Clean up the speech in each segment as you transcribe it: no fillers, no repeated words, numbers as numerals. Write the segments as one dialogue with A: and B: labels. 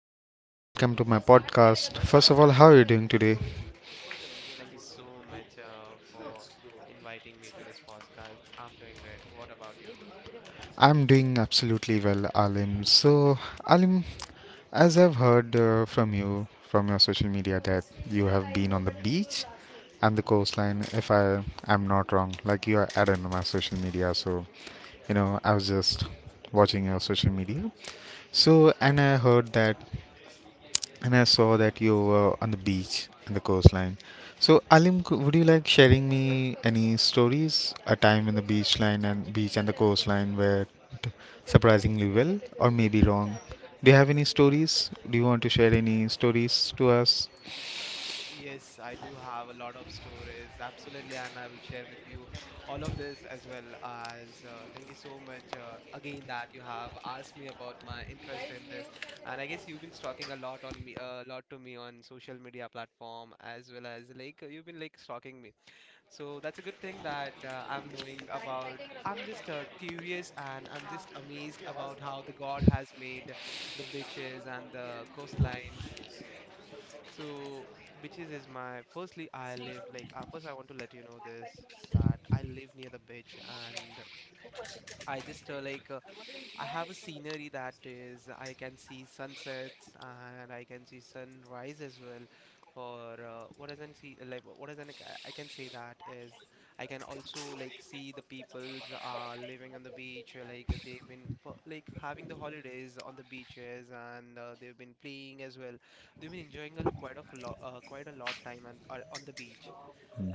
A: show, Alim. Welcome to my podcast. First of all, how are you doing today?
B: Thank you so much for inviting me to this podcast. I'm doing great. What about you?
A: I'm doing absolutely well, Alim. So, Alim, as I've heard from you from your social media that you have been on the beach and the coastline, if I am not wrong, like you are added on my social media. So, you know, I was just watching your social media. So, and I heard that and I saw that you were on the beach in the coastline. So, Alim, would you like sharing me any stories, a time in the beach line and beach and the coastline where t- surprisingly well or maybe wrong? Do you have any stories? Do you want to share any stories to us?
B: Yes, I do have a lot of stories, absolutely, and I will share with you all of this as well as thank you so much again that you have asked me about my interest in this. And I guess you've been stalking a lot on me, a lot to me on social media platform as well as like you've been like stalking me. So that's a good thing that I'm knowing about. I'm just curious and I'm just amazed about how the God has made the beaches and the coastlines. So beaches is my firstly I live like first I want to let you know this that I live near the beach and I just like I have a scenery that is I can see sunsets and I can see sunrise as well. For what does not see like what does not I can say that is I can also like see the peoples are living on the beach like they've been like having the holidays on the beaches and they've been playing as well. They've been enjoying a, quite of a lot quite a lot time and are on the beach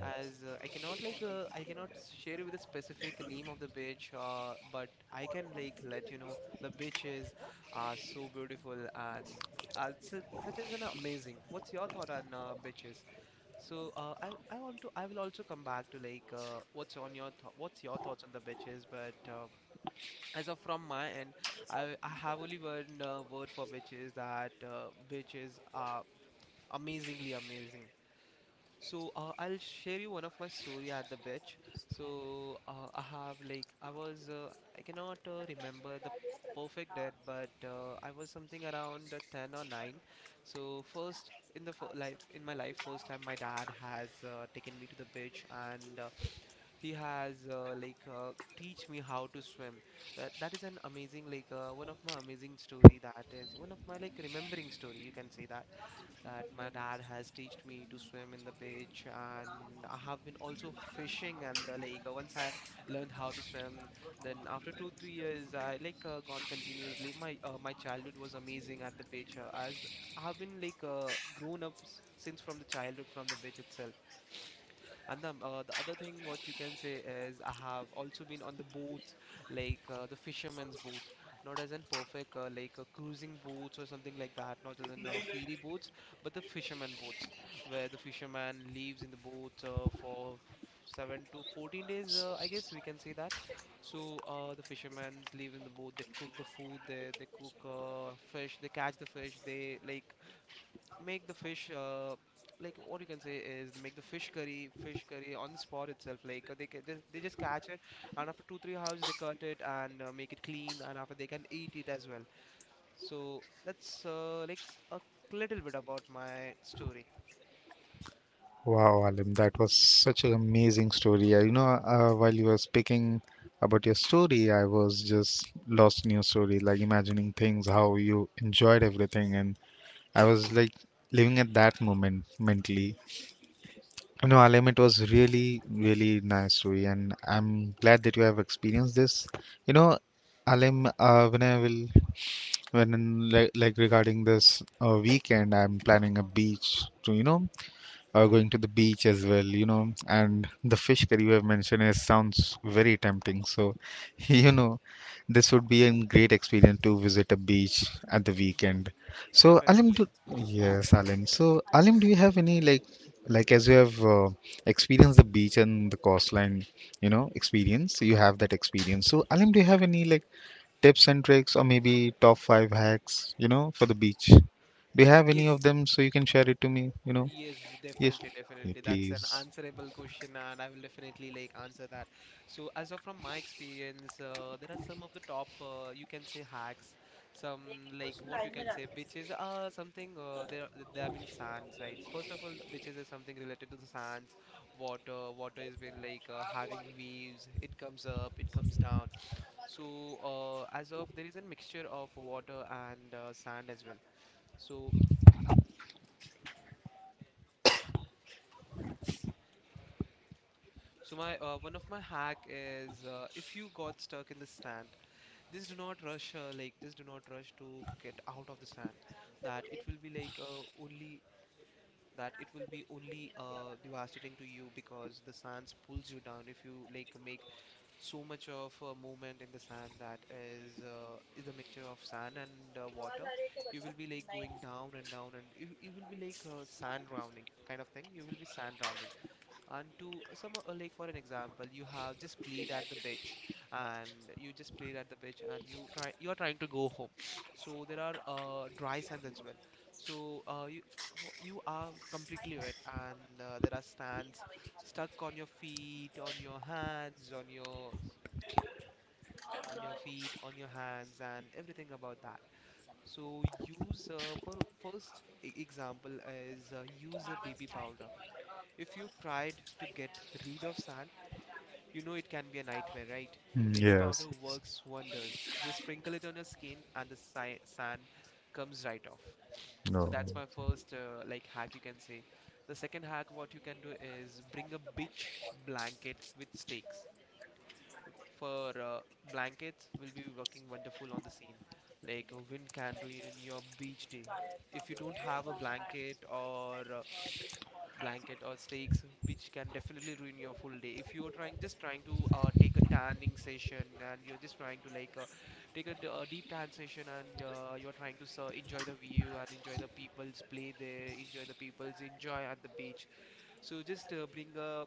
B: as I cannot like I cannot share you with a specific name of the beach, but I can like let you know the beaches are so beautiful and su such as an amazing. What's your thought on beaches? So I want to I will also come back to like what's your thoughts on the beaches, but. As of from my end, I, I have only one word for beaches that beaches are amazingly amazing. So I'll share you one of my story at the beach. So I have like I was I cannot remember the perfect date, but I was something around 10 or 9. So first in the life in my life first time my dad has taken me to the beach and he has like teach me how to swim. That is an amazing like one of my amazing story that is one of my like remembering story you can say that that my dad has taught me to swim in the beach and I have been also fishing and the lake. Once I learned how to swim, then after 2, 3 years, I like gone continuously. My childhood was amazing at the beach as I've been like grown up since from the childhood from the beach itself. And the other thing what you can say is I have also been on the boats, like the fishermen's boats, not as in perfect like cruising boats or something like that, not as in ferry boats, but the fishermen boats, where the fisherman leaves in the boat for 7 to 14 days, I guess we can say that. So the fishermen live in the boat. They cook the food. They cook fish. They catch the fish. They like make the fish like what you can say is they make the fish curry on the spot itself like they ca- they just catch it and after 2 3 hours they cut it and make it clean and after they can eat it as well so that's like a little bit about my story.
A: Wow, Alim, that was such an amazing story. You know, while you were speaking about your story, I was just lost in your story, like imagining things, how you enjoyed everything and I was like living at that moment mentally. No, I'll it was really, really nice story, and I'm glad that you have experienced this. You know, Alim, when I will, when like regarding this weekend, I'm planning a beach to, you know,
B: Hmm.
A: going to the beach as well, you know, and the fish curry you have mentioned is sounds very tempting. So, you know, this would be a great experience to visit a beach at the
B: Def
A: weekend. So, Alim,
B: definitely,
A: do, yes, Alim. So, Alim, do you have any like as you have experienced the beach and the coastline, you know, experience, you have that experience. So, Alim, do you have any like tips and tricks or maybe top five hacks, you know, for the beach? Do you have any of
B: yes.
A: them so you can share it to me, you know?
B: Yes,
A: Yes,
B: definitely, definitely. That's an
A: please.
B: answerable question, and I will definitely like answer that. So, as of from my experience, there are some of the top you can say hacks, some like what you can say bitches are something. There have been sands, right? First of all, the bitches is something related to the sands, water. Water has been like having waves. It comes up, it comes down. So, as of there is a mixture of water and sand as well. So So my one of my hack is if you got stuck in the sand, just do not rush like just do not rush to get out of the sand. That it will be like uh, only that it will be only devastating to you because the sands pulls you down. If you like make so much of movement in the sand that is a mixture of sand and water, you will be like going down and down and you will be like sand drowning kind of thing. You will be sand drowning and to some like for an example you have just played at the beach and you just played at the beach and you are trying to go home so there are dry sands as well so you you are completely wet and there are sands stuck on your feet on your hands on your feet on your hands and everything about that so use for first example is use a baby powder if you tried to get rid of sand you know it can be a nightmare, right?
A: Mm,
B: Baby
A: yes,
B: powder
A: yes.
B: works wonders. Just sprinkle it on your skin and the sand comes right off. So
A: No.
B: that's my first like hack you can say. The second hack what you can do is bring a beach blanket with stakes. For blankets will be working wonderful on the same. Like a wind can ruin your beach day. If you don't have a blanket or blanket or steaks which can definitely ruin your full day if you're trying just trying to take a tanning session and you're just trying to like take a a deep tan session and you're trying to enjoy the view and enjoy the people's play there enjoy the people's enjoy at the beach so just bring a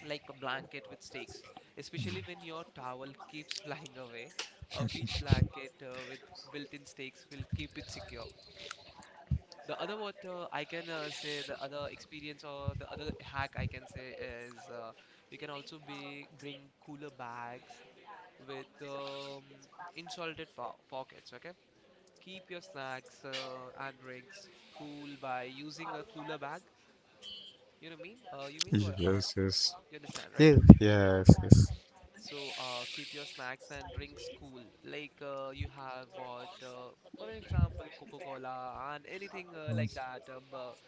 B: like a blanket with steaks especially when your towel keeps flying away a beach blanket with built-in stakes will keep it secure. The other what I can say, the other experience or the other hack I can say is you can also be bring cooler bags with insulated po pockets. Okay, keep your snacks and drinks cool by using a cooler bag. You know what I mean? You mean
A: Yes,
B: what?
A: yes.
B: You understand, right?
A: Yes, yes, yes.
B: So keep your snacks and drinks cool. Like you have bought, for an example, Coca-Cola and anything like that. Uh, bu-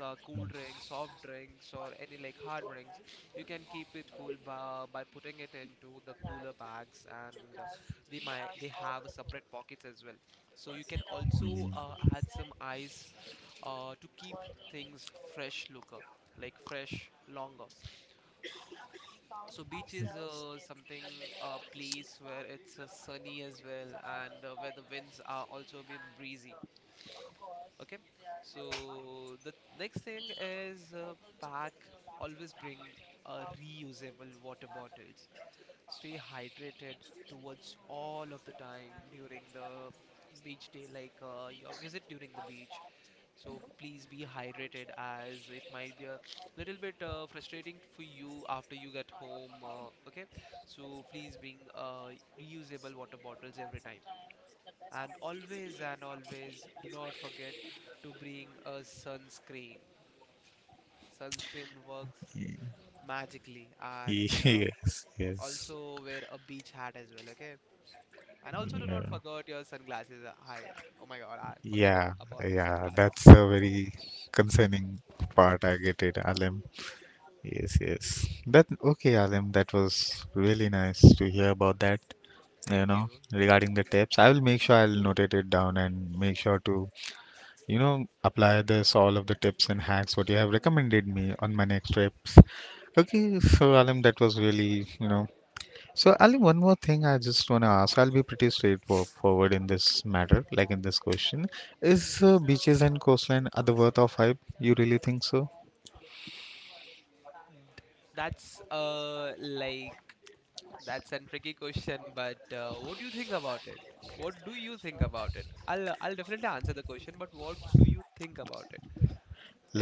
B: uh, Cool drinks, soft drinks, or any like hard drinks, you can keep it cool by putting it into the cooler bags, and they have separate pockets as well. So you can also add some ice to keep things fresh looker, like fresh longer. So beach is something a place where it's sunny as well, and where the winds are also been breezy. Okay, so the next thing is pack. Always bring a reusable water bottles. Stay hydrated towards all of the time during the beach day, like your visit during the beach. So please be hydrated, as it might be a little bit frustrating for you after you get home. Okay, so please bring reusable water bottles every time. And always do not forget to bring a sunscreen. Sunscreen works magically and uh,
A: Yes, yes.
B: also wear a beach hat as well, okay? And also do not forget your sunglasses. I Oh my God, I forgot
A: Yeah,
B: about
A: yeah.
B: sunglasses.
A: That's a very concerning part. I get it, Alem. Yes, yes. That okay, Alem. That was really nice to hear about that. You
B: Thank
A: know,
B: you.
A: regarding the tips, I will make sure I'll notate it down and make sure to, you know, apply this all of the tips and hacks what you have recommended me on my next trips. Okay, so Alim, that was really, you know, so Alim,
B: Hmm.
A: one more thing I just want to ask, I'll be pretty straightforward in this matter, like in this question is,
B: Hmm.
A: beaches and coastline are the worth of hype, you really think so?
B: That's uh like that's a tricky question, but what do you think about it? What do you think about it? I'll definitely answer the question, but what do you think about it?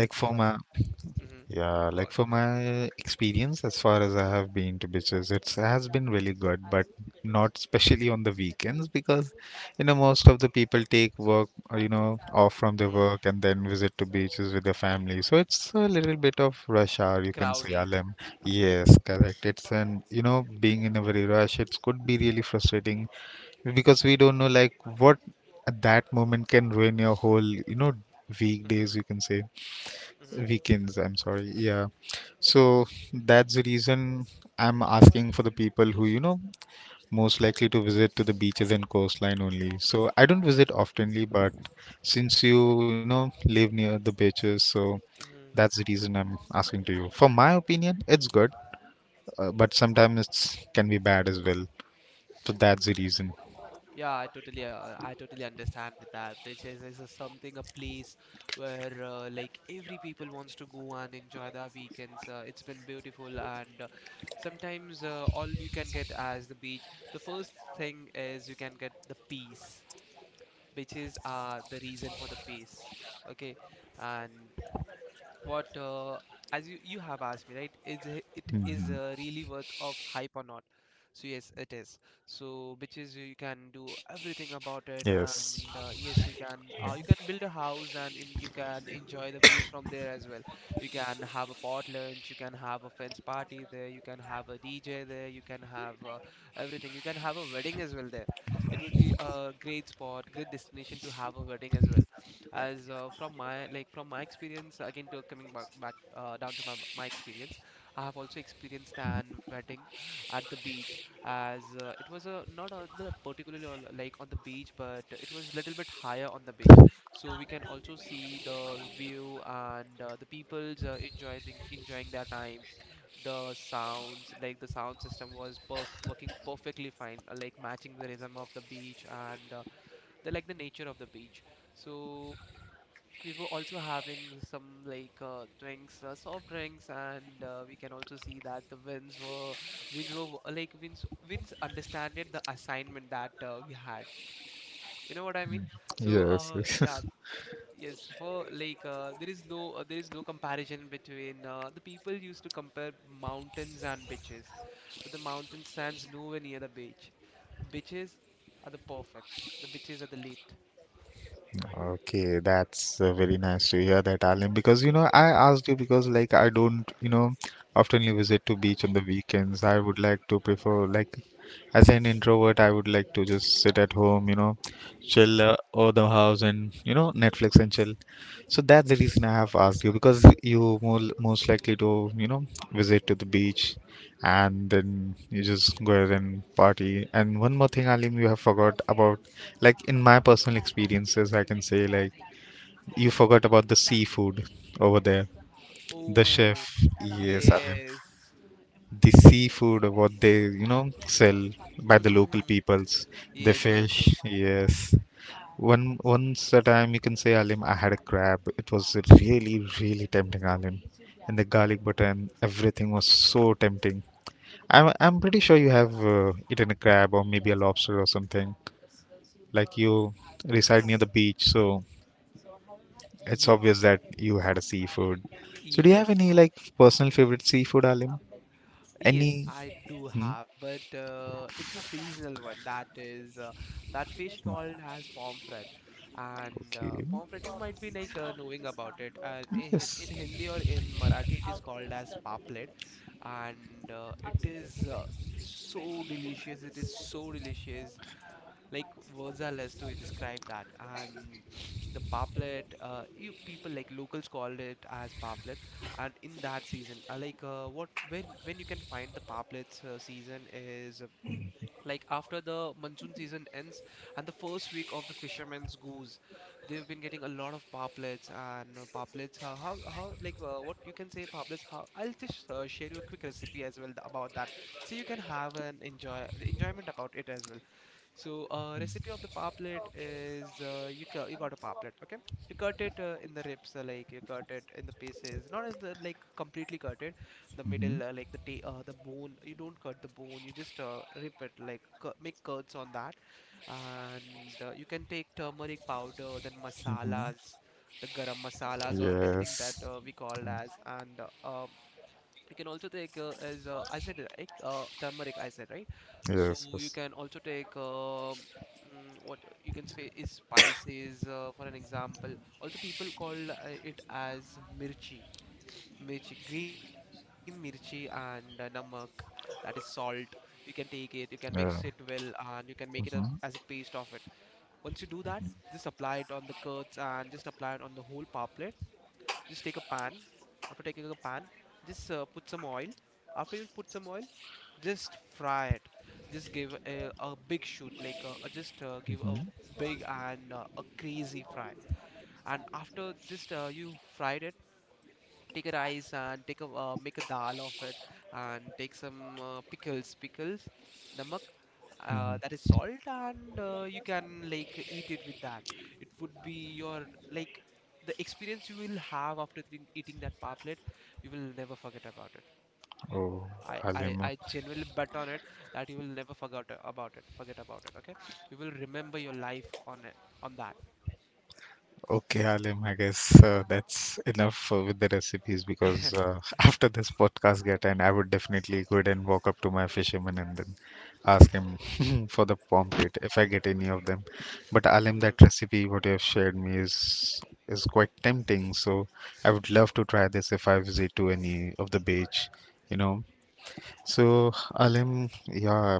A: Like for my,
B: Hmm.
A: yeah,
B: Go
A: like
B: on,
A: for
B: go on.
A: my experience, as far as I have been to beaches, it has been really good, but not especially on the weekends because, you know, most of the people take work, you know, off from their
B: Mm-hmm.
A: work and then visit to beaches with their family. So it's a little bit of rush hour, you can say,
B: Crowdy.
A: Alem. Yes, correct. It's an, you know, being in a very rush, it could be really frustrating because we don't know, like, what at that moment can ruin your whole, you know, weekdays,
B: Mm-hmm.
A: you can say,
B: Mm-hmm.
A: weekends, I'm sorry, yeah. So that's the reason I'm asking for the people who, you know, most likely to visit to the beaches and coastline only, so I don't visit oftenly, but since you know, live near the beaches, so
B: Mm-hmm.
A: that's the reason I'm asking to you for my opinion. It's good, but sometimes it's can be bad as well, so that's the reason.
B: Yeah, I totally understand with that. Which is a something a place where like every people wants to go and enjoy their weekends. It's been beautiful, and sometimes all you can get as the beach. The first thing is you can get the peace, which is the reason for the peace. Okay, and what as you have asked me, right, is it it is
A: Hmm.
B: really worth of hype or not? So yes, it is.
A: Yes,
B: So which is you can do everything about it, and yes, you can build a house and in, you can enjoy the view from there as well. You can have a pot lunch, you can have a friends party there, you can have a DJ there, you can have everything, you can have a wedding as well there. It would be a great spot, great destination to have a wedding as well. As from my, like from my experience, again to coming back down to my experience, I have also experienced an wedding at the beach. As It was a not on the particularly on, like on the beach, but it was a little bit higher on the beach, so we can also see the view. And the people's enjoying enjoying their time. The sounds, like the sound system was per working perfectly fine, like matching the rhythm of the beach, and the like the nature of the beach. So we were also having some like drinks, soft drinks, and we can also see that the winds were w- like winds winds understanded the assignment that we had. You know what I mean? So
A: yes.
B: yeah,
A: Yes.
B: yes. For like there is no comparison between the people used to compare mountains and beaches, but the mountain stands nowhere near the beach. The beaches are the perfect. The beaches are the late.
A: Okay, that's very nice to hear that, Alim. Because you know, I asked you because like I don't, you know, oftenly visit to beach on the weekends. I would like to prefer like as an introvert, I would like to just sit at home, you know, chill over the house and, you know, Netflix and chill. So that's the reason I have asked you, because you more most likely to, you know, visit to the beach and then you just go ahead and party. And one more thing, Alim, you have forgot about, like in my personal experiences I can say, like, you forgot about the seafood over there, the chef,
B: Oh
A: yes, Alim,
B: yes.
A: the seafood what they, you know, sell by the local peoples, the
B: Yes, yes,
A: fish,
B: yes.
A: yes. One once a time, you can say, Alim, I had a crab. It was really, really tempting, Alim, and the garlic butter and everything was so tempting. I'm pretty sure you have eaten a crab or maybe a lobster or something. Like you reside near the beach, so it's obvious
B: Yes,
A: that you had a seafood. So do you have
B: yes,
A: any like personal favorite seafood, Alim?
B: yes,
A: Any?
B: I do
A: Hmm?
B: have, but it's a seasonal one. That is that fish called as pomfret. And
A: Okay.
B: pomfret, you might be like knowing about it. And in, in
A: Yes.
B: Hindi or in Marathi, it is called as paplet, and it is so delicious. It is so delicious. Like words are less to describe that. And the paplet, you people like locals called it as paplet. And in that season, like what when you can find the paplets, season is. Like after the monsoon season ends and the first week of the fisherman's goose, they've been getting a lot of paplets and paplets. How like what you can say paplets? How, I'll just share you a quick recipe as well about that, so you can have an enjoyment about it as well. So, recipe of the paplet is you got a paplet, okay? You cut it in the ribs, like you cut it in the pieces, not in the like completely cut it, the
A: Hmm.
B: middle, like the bone. You don't cut the bone, you just rip it, like cu make cuts on that, and you can take turmeric powder, then masalas, the garam masalas or anything that
A: Yes.
B: we call as, and you can also take as I said, like turmeric. I said right. So
A: Yes.
B: you
A: Yes.
B: can also take what you can say is spices. For an example, also people call it as mirchi, mirchi, green mirchi, and namak. That is salt. You can take it. You can mix it
A: Yeah.
B: well, and you can make it as a paste of it. Once you do that, just apply it on the curds and just apply it on the whole palm. Just take a pan. After taking a pan, just put some oil. After you put some oil, just fry it. Just give a big shoot, like just give a
A: Hmm?
B: big and a crazy fry. And after just you fried it, take a rice and take a make a dal of it, and take some pickles, namak, that is salt, and you can like eat it with that. It would be your like the experience you will have after eating that paplet, you will never forget about it.
A: Oh,
B: I
A: Alim.
B: genuinely bet on it that you will never forget about it, okay? You will remember your life on it on
A: Okay, Alim, I guess that's enough with the recipes, because
B: that.
A: after this podcast get and I would definitely go ahead and walk up to my fisherman and then ask him for the pomfret if I get any of them. But Alim, that recipe what you have shared me is quite tempting, so I would love to try this if I visit to any of the beach, you know. So Alim, yeah,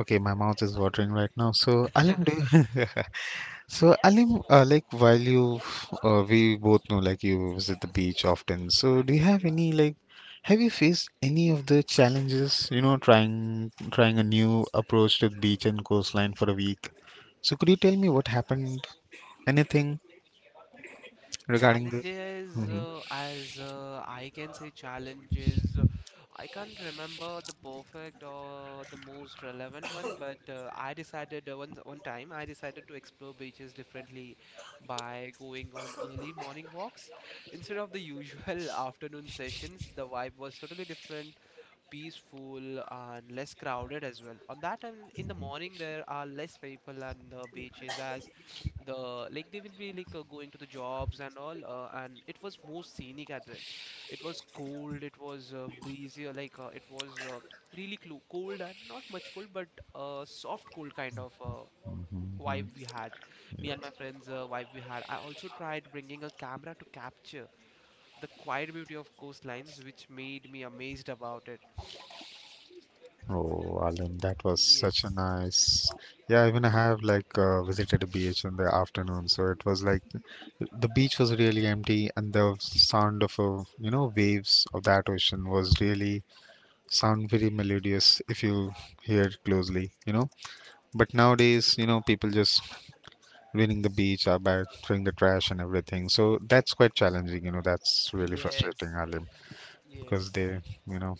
A: okay, my mouth is watering right now. So Alim, do you so, Alim, like while you, we both know like you visit the beach often. So, do you have any like, have you faced any of the challenges? You know, trying a new approach to the beach and coastline for a week. So, could you tell me what happened? Anything regarding this?
B: Challenges,
A: Mm-hmm.
B: as I can say, challenges. I can't remember the perfect or the most relevant one, but I decided one time I decided to explore beaches differently by going on early morning walks instead of the usual afternoon sessions. The vibe was totally different, peaceful and less crowded as well. On that time in the morning, there are less people on the beaches as the like they will be like going to the jobs and all, and it was more scenic as well. It was cold, it was breezy, like it was really clo cold and not much cold, but soft cold kind of. Vibe we had, me and my friends, vibe we had. I also tried bringing a camera to capture the quiet beauty of coastlines, which made me amazed about it.
A: Oh, Alan, that was such a
B: Yes.
A: nice. Yeah, even I
B: Mm-hmm.
A: have like visited a beach in the afternoon, so it was like the beach was really empty, and the sound of a, you know, waves of that ocean was really sound very melodious if you hear it closely, you know. But nowadays, you know,
B: Mm-hmm.
A: people just ruining the beach by throwing the trash and everything. So that's quite challenging, you know. That's really frustrating,
B: Yes.
A: Alim, because
B: Yes.
A: they, you know,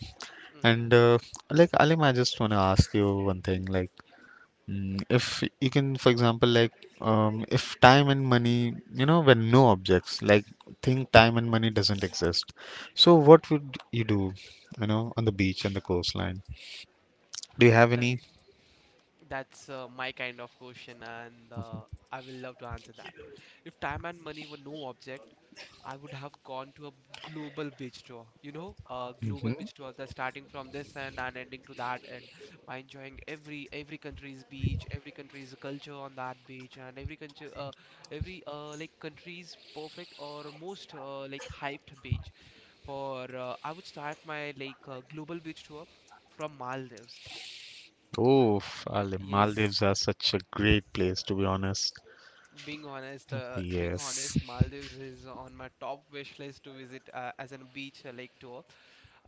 B: Mm-hmm.
A: and like Alim, I just want to ask you one thing, like. Mm, if you can for example like if time and money, you know, when no objects, like think time and money doesn't exist, so what would you do, you know, on the beach and the coastline? Do you have
B: That,
A: any?
B: that's my kind of question, and I will love to answer that. If time and money were no object, I would have gone to a global beach tour. You know, a global
A: Mm-hmm.
B: beach tour, the starting from this end and ending to that end, by enjoying every country's beach, every country's culture on that beach, and every country, every like country's perfect or most like hyped beach. For I would start my like global beach tour from Maldives.
A: Oh,
B: Y
A: Ale,
B: Yes,
A: Maldives are such a great place, to be honest.
B: being
A: Yes.
B: honest, Maldives is on my top wish list to visit as a beach like tour.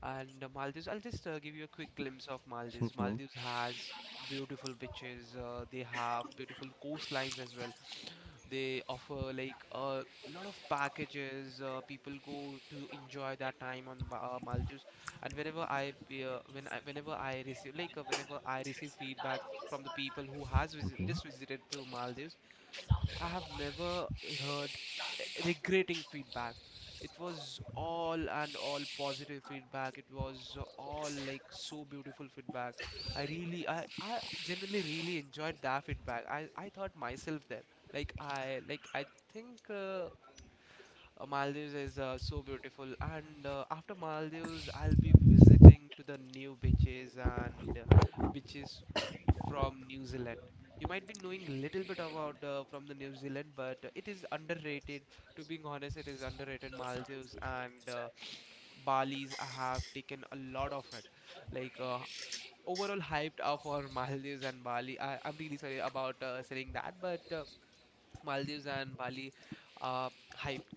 B: And Maldives, I'll just give you a quick glimpse of Maldives.
A: Hmm.
B: Maldives has beautiful beaches. They have beautiful coastlines as well. They offer like a lot of packages. People go to enjoy that time on the Maldives. And whenever I whenever I receive like whenever I receive feedback from the people who has just visited to Maldives, I have never heard regretting feedback. It was all and all positive feedback. It was all like so beautiful feedback. I really, I genuinely really enjoyed that feedback. I thought myself there. Like I think Maldives is so beautiful, and after Maldives, I'll be visiting to the new beaches and beaches from New Zealand. You might be knowing little bit about from the New Zealand, but it is underrated. To being honest, it is underrated. Maldives and Bali's have taken a lot of it. Like overall hyped up for Maldives and Bali. I'm really sorry about saying that, but Maldives and Bali are hyped.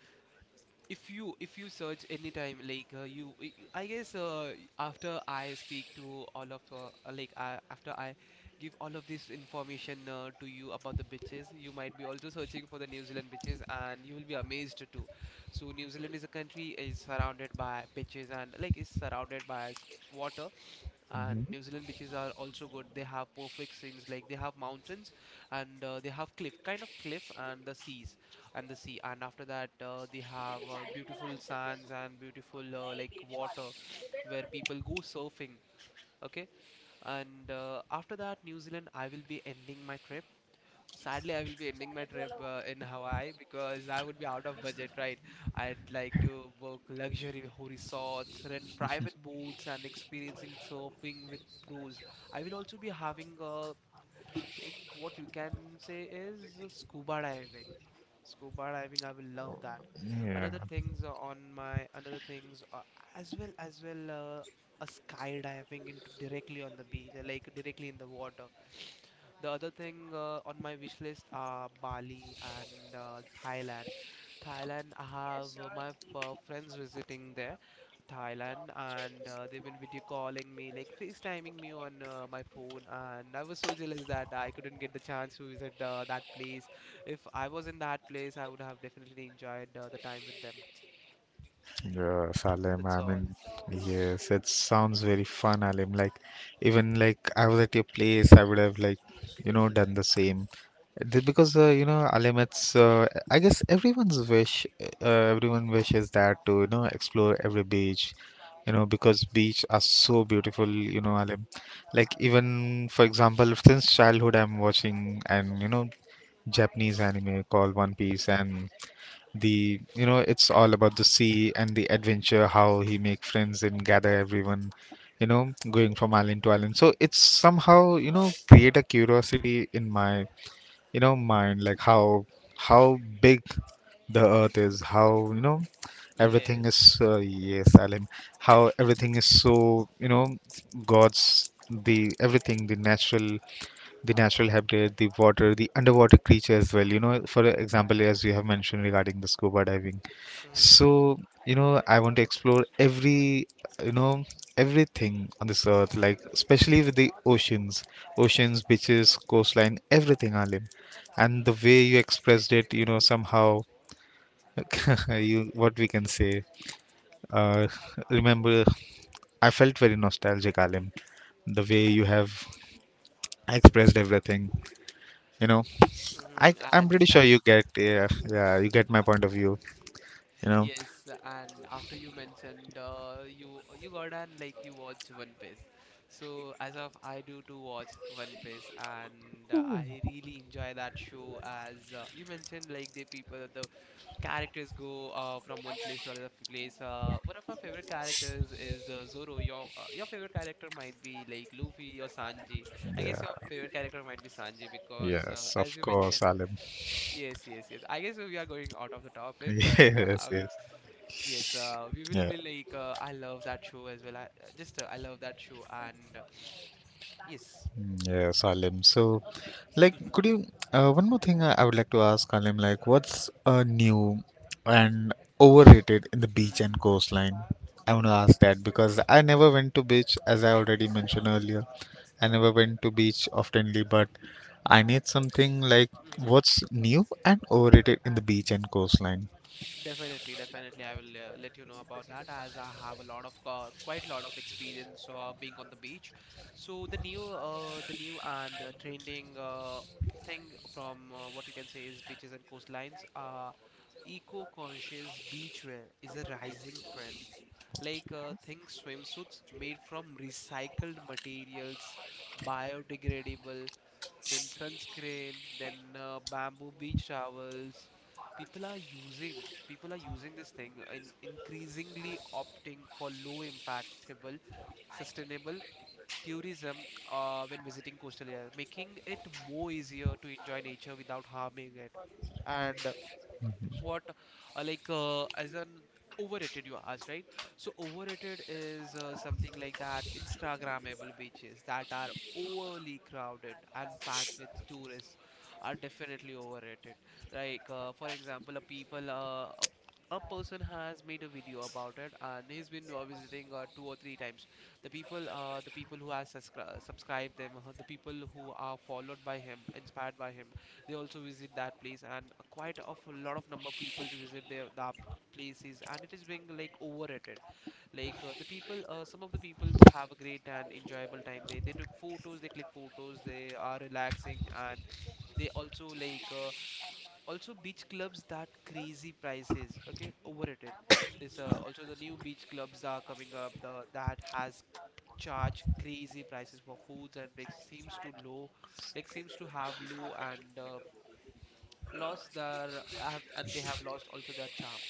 B: If you search anytime, like I guess after I speak to all of like after I give all of this information to you about the beaches, you might be also searching for the New Zealand beaches, and you will be amazed too. So New Zealand is a country is surrounded by beaches and like is surrounded by water, and New Zealand beaches are also good. They have perfect scenes, like they have mountains, and they have cliff, kind of cliff, and the seas and the sea. And after that, they have beautiful sands and beautiful like water where people go surfing. Okay, and after that, New Zealand, I will be ending my trip, sadly I will be ending my trip in Hawaii because I would be out of budget, right? I'd like to book luxury resorts, rent private boats, and experiencing surfing with pros. I will also be having a like what you can say is scuba diving, I will love that.
A: Yeah.
B: Another things on my another things as well, a skydiving into directly on the beach, like directly in the water. The other thing on my wish list are Bali and Thailand. Thailand, I have my friends visiting there, Thailand, and they've been video calling me, like FaceTiming me on my phone. And I was so jealous that I couldn't get the chance to visit that place. If I was in that place, I would have definitely enjoyed the time with them.
A: Yeah, Salem,
B: That's
A: I
B: all.
A: mean, yes, it sounds very fun, Alim. Like, even like I was at your place, I would have like, you know, done the same. Because you know, Alim, it's I guess everyone's wish, uh, everyone wishes that to, you know, explore every beach, you know, because beach are so beautiful, you know, Alim. Like even for example, since childhood, I'm watching and, you know, Japanese anime called One Piece, and the, you know, it's all about the sea and the adventure, how he make friends and gather everyone, you know, going from island to island. So it's somehow, you know, create a curiosity in my, you know, mind, like how big the earth is, how, you know, everything
B: Yes.
A: is yes, Alim, how everything is, so, you know, God's, the everything, the natural, the natural habitat, the water, the underwater creature as well, you know, for example, as you have mentioned regarding the scuba diving,
B: Mm-hmm.
A: so, you know, I want to explore every, you know, everything on this earth, like especially with the oceans, oceans, beaches, coastline, everything, Alim. And the way you expressed it, you know, somehow you what we can say uh, remember, I felt very nostalgic, Alim, the way you have expressed everything, you know. I,
B: Mm-hmm. I
A: I'm pretty sure
B: understand
A: you
B: with that.
A: get, yeah, yeah, you get my point of view, you know.
B: Yes, and after you mentioned you got and like you watch One Piece. So as of I do to watch One Piece, and I really enjoy that show. As you mentioned, like the people, the characters go from one place to another place. One of my favorite characters is Zoro. Your favorite character might be like Luffy or Sanji. I guess
A: Yeah,
B: your favorite character might be Sanji because
A: yes, of
B: as you
A: course,
B: mentioned.
A: Alim.
B: Yes, yes, yes. I guess we are going out of the topic, but
A: Yes,
B: I would.
A: yes.
B: Yes, we will
A: Yeah.
B: be like I love that show as well. I just I love that show and yes.
A: Mm, yes, Alim. So, like,
B: Hmm.
A: could you, one more thing I would like to ask, Alim, like, what's new and overrated in the beach and
B: Hmm.
A: coastline? I want to ask that because I never went to beach, as I already mentioned earlier. I never went to beach oftenly, but I need something like
B: Hmm.
A: what's new and overrated in the beach and coastline.
B: Definitely, definitely, I will let you know about that as I have a lot of quite a lot of experience being on the beach. So the new and trending thing from what you can say is beaches and coastlines. Eco-conscious beachwear is a rising trend, think swimsuits made from recycled materials, biodegradable, then sunscreen, then bamboo beach towels. People are using, people are using this thing and increasingly opting for low impactable, sustainable tourism when visiting coastal areas, making it more easier to enjoy nature without harming it. And what, as an overrated, you asked, right? So overrated is something like that. Instagrammable beaches that are overly crowded and packed with tourists are definitely overrated. For example, a person has made a video about it and he's been visiting two or three times. The people who has subscribed them, the people who are followed by him, inspired by him, they also visit that place, and a quite of a lot of number of people visit their that places, and it is being like overrated. The people, some of the people have a great and enjoyable time. They took photos, they click photos, they are relaxing, and they also also beach clubs that crazy prices, okay, overrated. This, also the new beach clubs are coming up, the that has charge crazy prices for foods and like seems to low, like seems to have low and lost their have, and they have lost also their charm.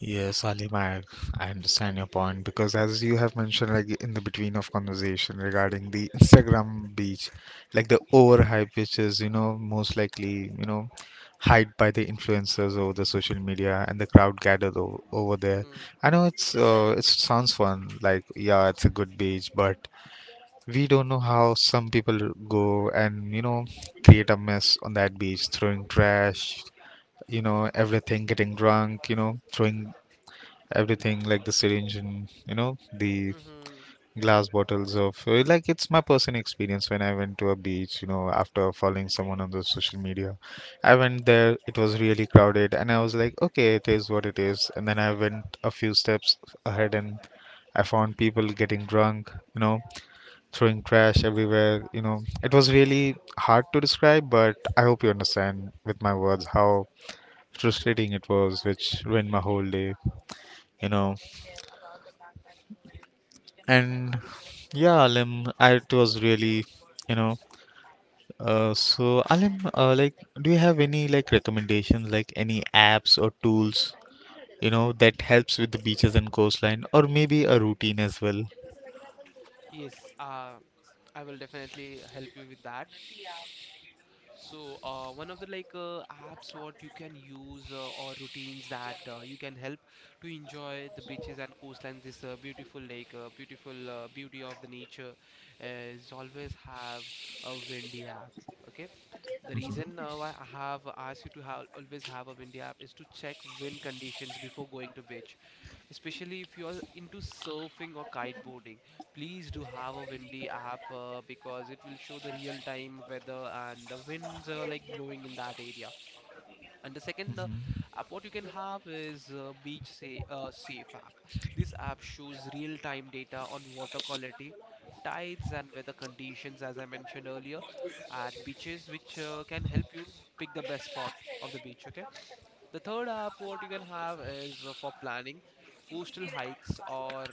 A: Yes, Ali Mag, I understand your point, because as you have mentioned like in the between of conversation regarding the Instagram beach, like the overhype which is, you know, most likely, you know, hyped by the influencers over the social media and the crowd gathered o over there.
B: Mm-hmm.
A: I know it's it sounds fun, like yeah, it's a good beach, but we don't know how some people go and, you know, create a mess on that beach, throwing trash, you know, everything getting drunk, you know, throwing everything like the syringe and, you know, the
B: Mm-hmm.
A: glass bottles of like it's my personal experience when I went to a beach, you know, after following someone on the social media, I went there, it was really crowded, and I was like okay, it is what it is, and then I went a few steps ahead and I found people getting drunk, you know, throwing trash everywhere, you know, it was really hard to describe, but I hope you understand with my words how frustrating it was, which ruined my whole day, you know. And yeah, Alim, I, it was really, you know, so Alim, like, do you have any like recommendations, like any apps or tools, you know, that helps with the beaches and coastline, or maybe a routine as well?
B: Yes, I will definitely help you with that. So, one of the apps what you can use or routines that you can help to enjoy the beaches and coastline, this beautiful beautiful beauty of the nature, is always have a windy app. Okay, the reason why I have asked you to have always have a windy app is to check wind conditions before going to beach, especially if you are into surfing or kiteboarding. Please do have a windy app because it will show the real time weather and the winds are like blowing in that area. And the second, app what you can have is beach safe app. This app shows real time data on water quality, tides and weather conditions, as I mentioned earlier, at beaches, which can help you pick the best spot of the beach, okay. The third app what you can have is for planning coastal hikes or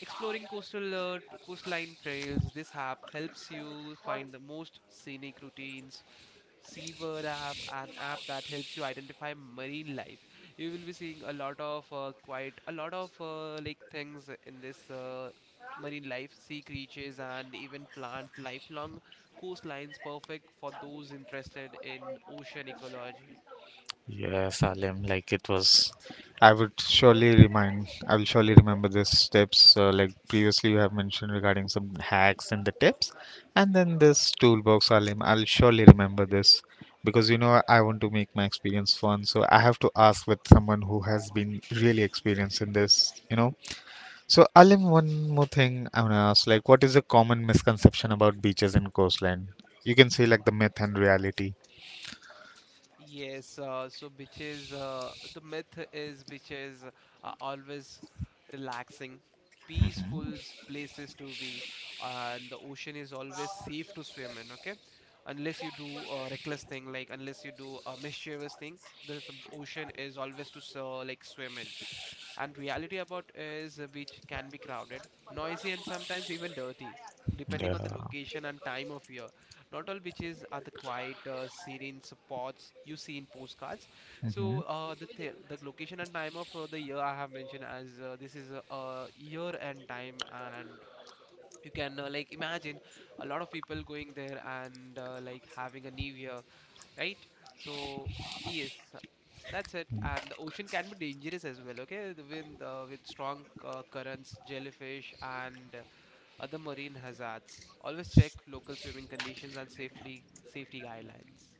B: exploring coastal coastline trails. This app helps you find the most scenic routines. Seabird app, an app that helps you identify marine life. You will be seeing a lot of quite a lot of like things in this, marine life, sea creatures, and even plant lifelong coastlines, perfect for those interested in ocean ecology.
A: Yeah, Salem, like it was. I would surely remind, I will surely remember these steps, like previously you have mentioned regarding some hacks and the tips, and then this toolbox, Salim. I'll surely remember this because you know I want to make my experience fun, so I have to ask with someone who has been really experienced in this, you know. So, Alim, one more thing I want to ask, like, what is a common misconception about beaches and coastline? You can say like the myth and reality.
B: Yes, so beaches, the myth is beaches are always relaxing, peaceful places to be, and the ocean is always safe to swim in, okay? Unless you do a reckless thing, like unless you do a mischievous thing, this ocean is always to swim in. And reality about is which can be crowded, noisy, and sometimes even dirty, depending
A: Yeah.
B: on the location and time of year. Not all beaches are the quiet, serene spots you see in postcards. So
A: Mhm.
B: the location and time of the year I have mentioned as this is a year and time and. You can imagine a lot of people going there and having a new year, right? So yes, that's it. And the ocean can be dangerous as well, okay? The wind, with strong currents, jellyfish, and other marine hazards. Always check local swimming conditions and safely safety guidelines.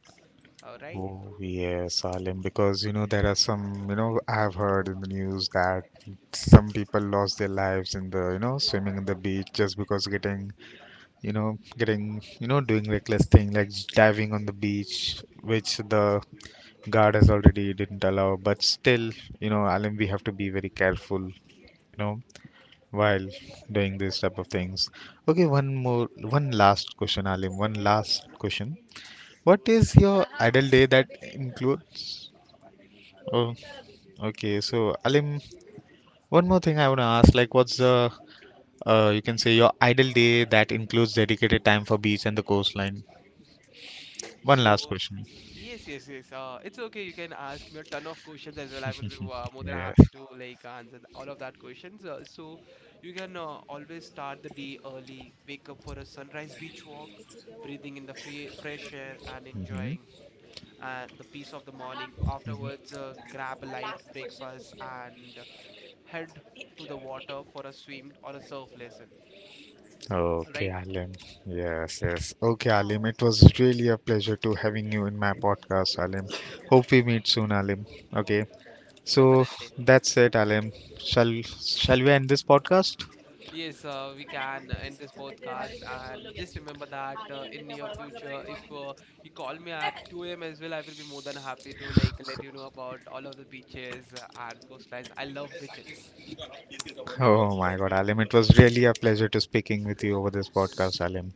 B: All right.
A: Oh yes, Alim, because you know there are some, you know, I've heard in the news that some people lost their lives in the, you know, swimming in the beach just because getting, you know, doing reckless thing like diving on the beach, which the guard has already didn't allow. But still, you know, Alim, we have to be very careful, you know, while doing these type of things. Okay, one more, one last question, Alim, one last question. What is your idle day that includes? Oh, okay, so Alim, one more thing I want to ask, like, what's the, you can say your ideal day that includes dedicated time for beach and the coastline? One
B: So,
A: last
B: s-
A: question.
B: yes, yes, yes. It's okay. You can ask me a ton of questions as well. I will be more than
A: Yeah.
B: happy to like answer all of that questions. You can always start the day early, wake up for a sunrise beach walk, breathing in the fe fresh air, and
A: Mm-hmm.
B: enjoying the peace of the morning. Afterwards, grab a light breakfast and head to the water for a swim or a surf lesson. All
A: Okay,
B: right,
A: Alim. Yes, yes. Okay, Alim. It was really a pleasure to having you in my podcast, Alim. Hope we meet soon, Alim. Okay. So
B: definitely.
A: that's it, Alim. Shall shall we end this podcast?
B: Yes, we can end this podcast and just remember that in near future, if you call me at 2 a.m. as well, I will be more than happy to like let you know about all of the beaches and coastlines. I love beaches.
A: Oh my God, Alim, it was really a pleasure to speaking with you over this podcast, Alim.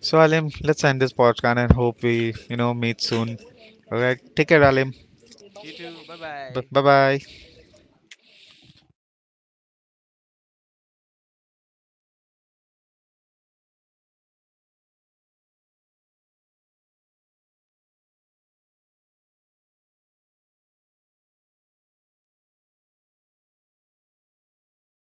A: So, Alim, let's end this podcast and hope we, you know, meet soon. All right, take care, Alim.
B: You too. Bye
A: Bye
B: bye.
A: bye.